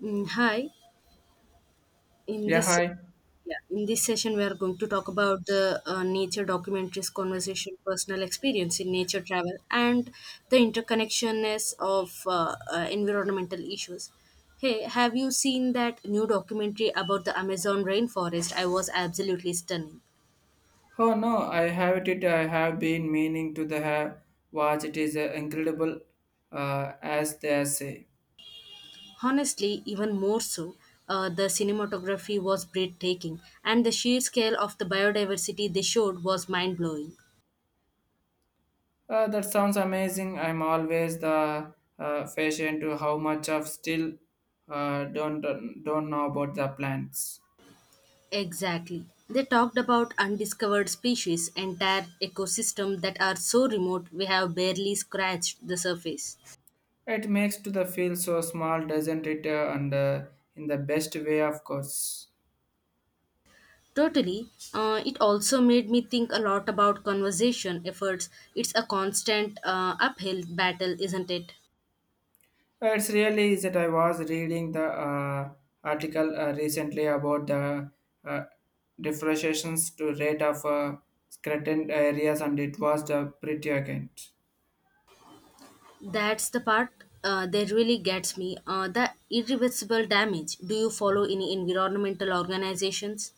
Hi. In Yeah, this hi. yeah, in this session, we are going to talk about the nature documentaries, conversation, personal experience in nature travel, and the interconnectionness of environmental issues. Hey, have you seen that new documentary about the Amazon rainforest? I was absolutely stunning. Oh no, I have it. I have been meaning to the have watch. It is incredible, as they say. Honestly, even more so, the cinematography was breathtaking, and the sheer scale of the biodiversity they showed was mind blowing. That sounds amazing. I'm always the fashion to how much of still uh, don't don't know about the plants. Exactly. They talked about undiscovered species, entire ecosystem that are so remote we have barely scratched the surface. It makes to the feel so small, doesn't it? And in the best way, of course. Totally. It also made me think a lot about conservation efforts. It's a constant uphill battle, isn't it? It's really is that I was reading the article recently about the uh, deforestation to rate of certain areas, and it was the pretty against. That's the part that really gets me. The irreversible damage. Do you follow any environmental organizations?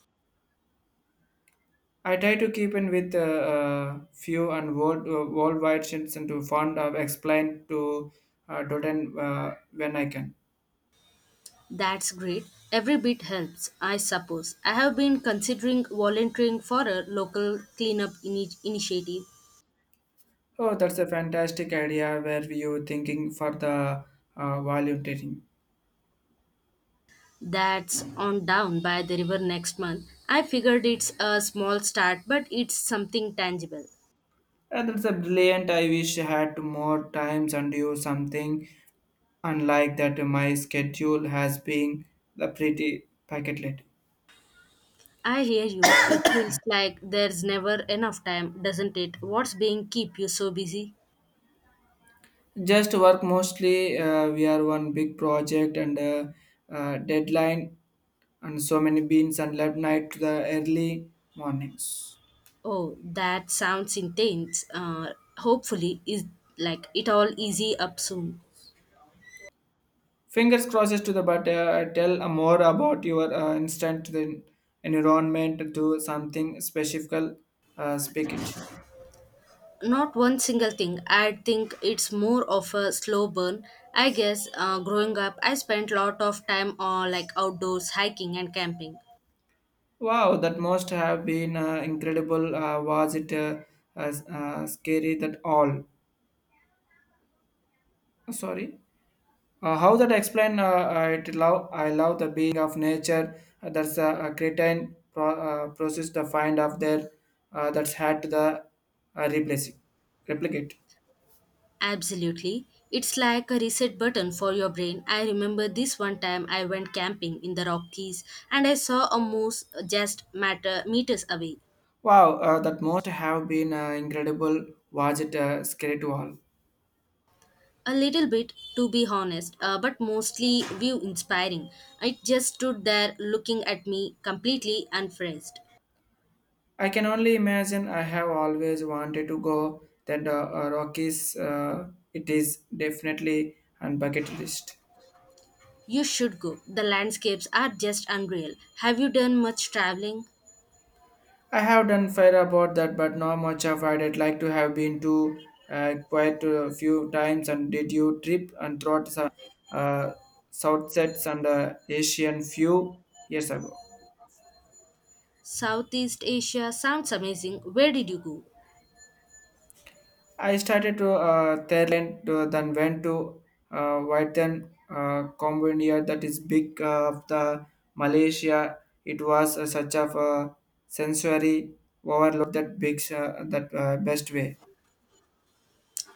I try to keep in with few and world worldwide shifts and to fund of explain to Doden when I can. That's great. Every bit helps, I suppose. I have been considering volunteering for a local cleanup initiative Oh, that's a fantastic idea. Where you thinking for the volunteering? that's on down by the river next month. I figured it's a small start, but it's something tangible. And that's a brilliant. I wish I had more times and do something unlike that my schedule has been the pretty packet late. I hear you. It feels like there's never enough time, doesn't it? What's being keep you so busy? Just work mostly. We are one big project and deadline and so many beans and late night to the early mornings. Oh, that sounds intense. Hopefully, is like it all easy up soon. Fingers crosses to the but tell more about your instant to the environment to something specific. Speak it. Not one single thing. I think it's more of a slow burn. I guess growing up, I spent a lot of time on like outdoors hiking and camping. Wow, that must have been incredible. Was it as scary that all? Sorry. How that explain? I love the being of nature. That's a cretin pro, process the find of there. That's had to the replacing replicate. Absolutely. It's like a reset button for your brain. I remember this one time I went camping in the Rockies and I saw a moose just matter meters away. Wow, that must have been incredible. Was it scary to all? A little bit, to be honest, but mostly view inspiring. It just stood there looking at me completely unfazed. I can only imagine. I have always wanted to go. That Rockies, it is definitely on bucket list. You should go. The landscapes are just unreal. Have you done much traveling? I have done fair about that, but not much of it. I'd like to have been to quite a few times. And did you trip and throughout the uh, uh, south sets and Asian few years ago? Southeast Asia sounds amazing. Where did you go? I started to Thailand, to, then went to Vietnam, Cambodia, that is big of the Malaysia. It was such of a sensory overload that big that best way.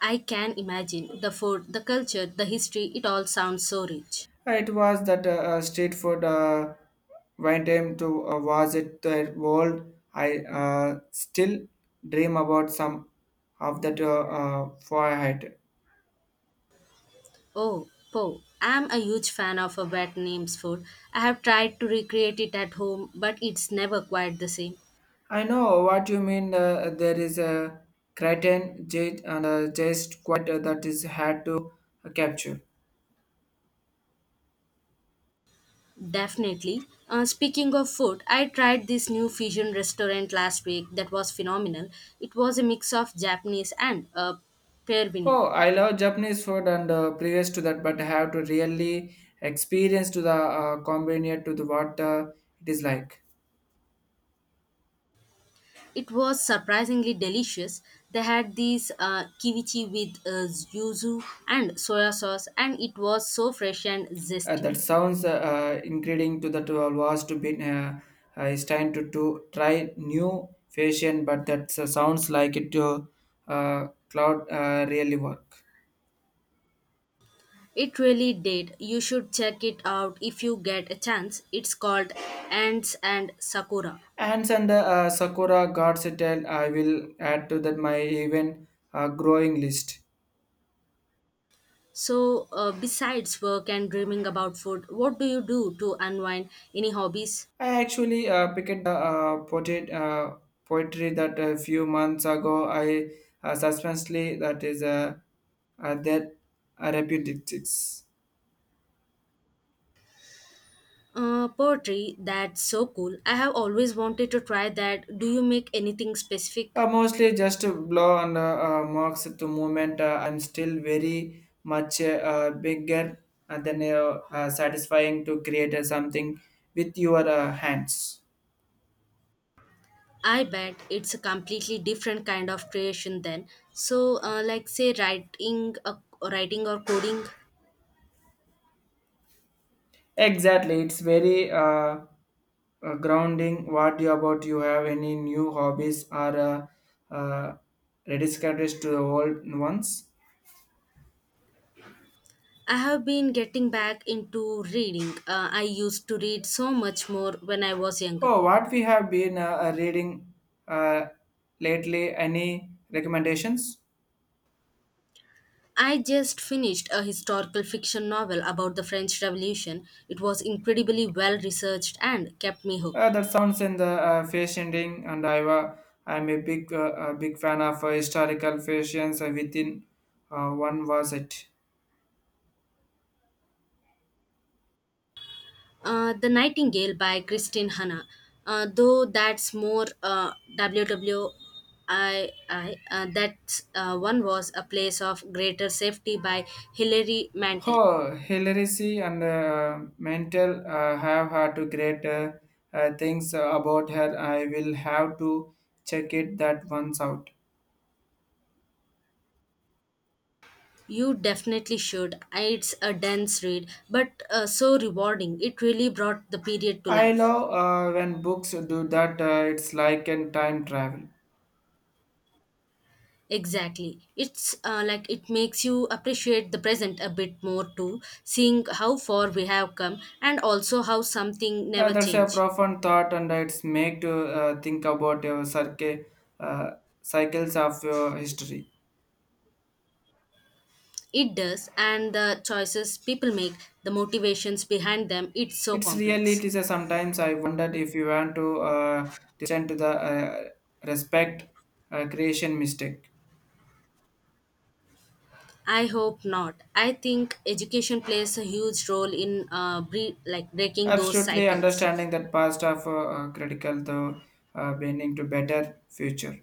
I can imagine. The food, the culture, the history, it all sounds so rich. It was that street food went him to was it the world. I still dream about some of that forehead. Oh, Po. I'm a huge fan of a Vietnamese food. I have tried to recreate it at home, but it's never quite the same. I know what you mean. There is a cretin jade and a just quite that is had to capture. Definitely. Speaking of food, I tried this new fusion restaurant last week that was phenomenal. It was a mix of Japanese and Peruvian. Oh, I love Japanese food and previous to that, but I have to really experience to the combined to the what it is like. It was surprisingly delicious. They had these kiwichi with yuzu and soya sauce, and it was so fresh and zesty. That sounds including to that was to be it's time to try new fashion, but that sounds like it to cloud really work. It really did. You should check it out if you get a chance. It's called Ants and Sakura. Ants and the Sakura God's Tale, I will add to that my even growing list. So, besides work and dreaming about food, what do you do to unwind? Any hobbies? I actually picked the poetry that a few months ago I suspensely that is that repetitions. Poetry, that's so cool. I have always wanted to try that. Do you make anything specific? Mostly just to blow on the marks at the moment. I'm still very much bigger and then satisfying to create something with your hands. I bet it's a completely different kind of creation then. So, like say writing or coding. Exactly, it's very grounding. What you about you have any new hobbies or uh, rediscoveries to the old ones? I have been getting back into reading. I used to read so much more when I was younger. Oh, what we have been reading uh, lately? Any recommendations? I just finished a historical fiction novel about the French Revolution. It was incredibly well researched and kept me hooked. That sounds in the fascinating, and I'm a big a big fan of historical fashions within one was it. The Nightingale by Christine Hanna. Though that's more WWII, uh, that one was A Place of Greater Safety by Hilary Mantel. Oh, Hillary and Mantel have had to great things about her. I will have to check it that once out. You definitely should. It's a dense read, but so rewarding. It really brought the period to I life. love when books do that. It's like a time travel. Exactly. It's like it makes you appreciate the present a bit more too, seeing how far we have come and also how something never That's a change. profound thought, and it's make to think about your uh, cycles of your history. It does, and the choices people make, the motivations behind them, it's so It's really complex. it is a sometimes I wondered if you want to listen to the respect creation mistake. I hope not. I think education plays a huge role in like breaking those Absolutely cycles. understanding that past of critical though bending to better future.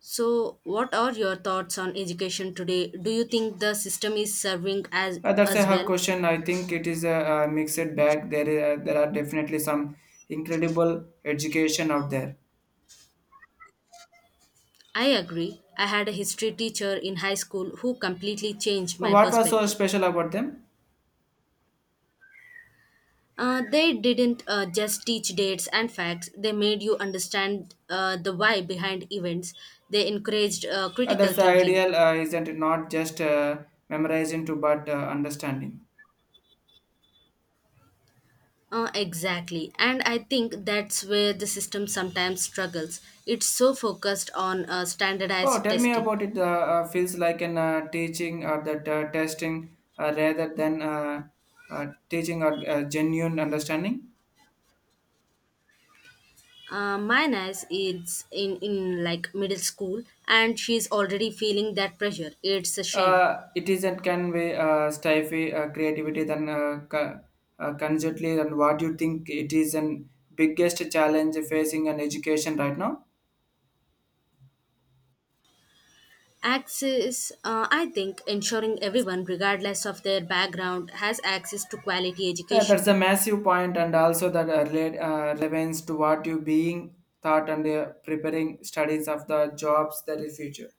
So, what are your thoughts on education today? Do you think the system is serving That's a as hard well? question. I think it is a, mixed bag. There, there are definitely some incredible education out there. I agree. I had a history teacher in high school who completely changed my What was so perspective. special about them? They didn't just teach dates and facts, they made you understand the why behind events. They encouraged critical That's the thinking. ideal, isn't it? Not just memorizing to, but understanding. Exactly. And I think that's where the system sometimes struggles. It's so focused on Oh, standardized tell me testing. about it. Feels like an teaching or that testing rather than teaching or genuine understanding. My niece is in like middle school and she's already feeling that pressure. It's a shame. It is and can be stifle creativity than constantly and what do you think it is an biggest challenge facing an education right now. Access, I think, ensuring everyone, regardless of their background, has access to quality That's education. a massive point and also that relevance to what you being thought and preparing studies of the jobs that is future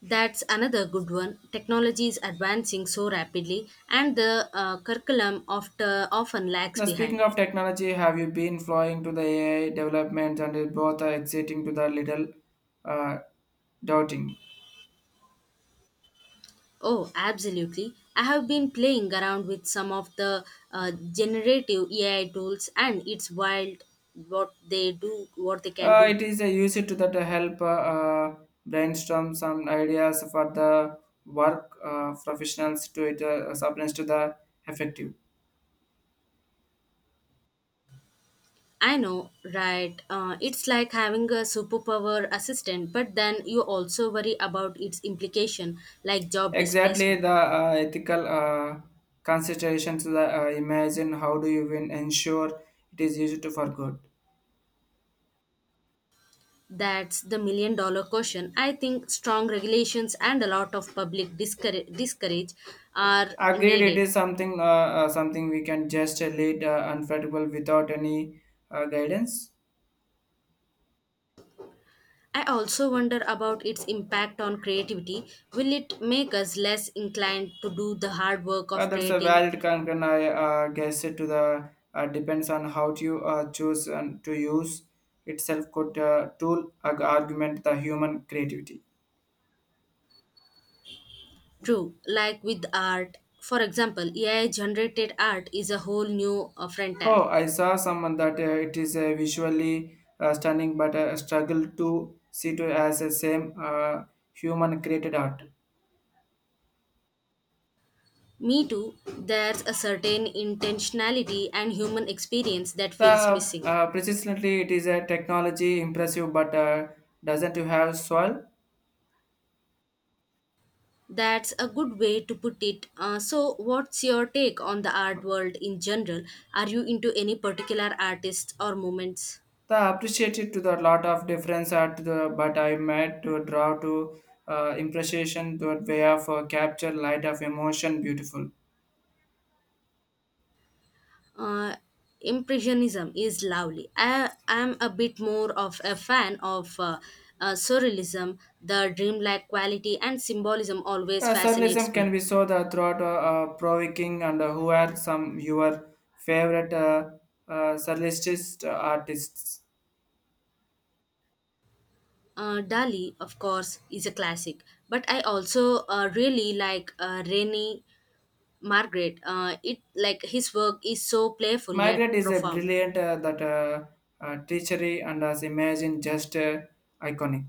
That's another good one. Technology is advancing so rapidly, and the curriculum often lags now speaking behind. of technology have you been flowing to the ai development and it both are exiting to the little uh, doubting. Oh, absolutely. I have been playing around with some of the generative AI tools, and it's wild what they can do. It is used to that help brainstorm some ideas for the work professionals to it supplies to the effective. I know, right? It's like having a superpower assistant, but then you also worry about its implication, like job Exactly displacement. the ethical considerations the imagine how do you win ensure it is used to for good. That's the million dollar question. I think strong regulations and a lot of public discourage are Agreed, it needed. is something something we can just lead unflattable without any guidance. I also wonder about its impact on creativity. Will it make us less inclined to do the hard work of That's a creating? valid concern. I guess it to the depends on how you choose and to use itself could argument the human creativity. True, like with art. For example, AI generated art is a whole new frontier. Oh, I saw someone that it is visually stunning, but struggle to see it as the same human created art. Me too, there's a certain intentionality and human experience that feels The missing. Precisely it is a technology impressive, but doesn't you have soil? That's a good way to put it. So, what's your take on the art world in general? Are you into any particular artists or movements? The appreciated to the lot of difference at the but I met to draw to impression to way of capture light of emotion beautiful. Uh, Impressionism is lovely. I am a bit more of a fan of surrealism. The dreamlike quality and symbolism always fascinates Surrealism can me. be so the throughout provoking and who are some your favorite surrealist artists. Dali, of course, is a classic, but I also really like Rene Margaret. It like his work is so playful yet Margaret is a profound. brilliant that teachery and as imagine just iconic.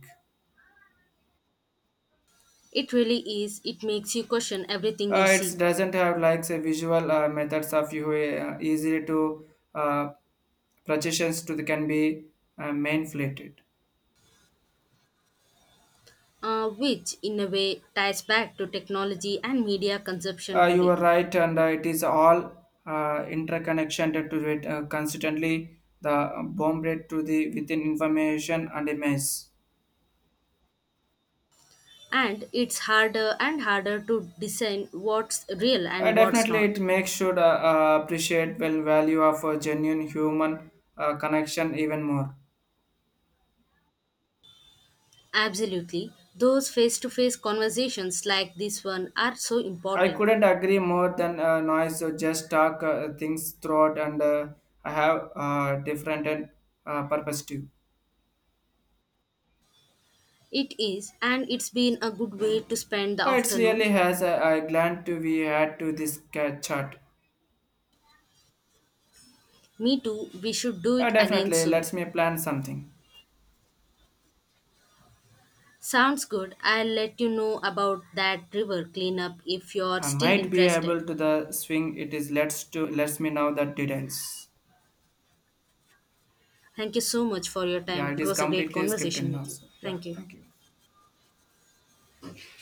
It really is. It makes you question everything you It see, doesn't have like say visual methods of you easily to uh, projections to the can be manipulated. Which in a way ties back to technology and media consumption You today. are right, and it is all interconnection to it constantly the bomb rate to the within information and image. And it's harder and harder to discern what's real and what's Definitely, not. it makes should appreciate well value of a genuine human connection even more. Absolutely, those face-to-face conversations like this one are so I important. couldn't agree more than noise. So just talk things throughout, and I have different and perspective. It is, and it's been a good way to spend the It's really afternoon. has. I glad to be add to this chart. Me too, we should do it again Definitely soon. lets me plan something. Sounds good. I'll let you know about that river cleanup if you're I still might be interested. able to the swing. It is lets to lets me know the details. Thank you so much for your Yeah, time. it It is was a great completely scripted conversation now. with you. So yeah, Thank you. thank you.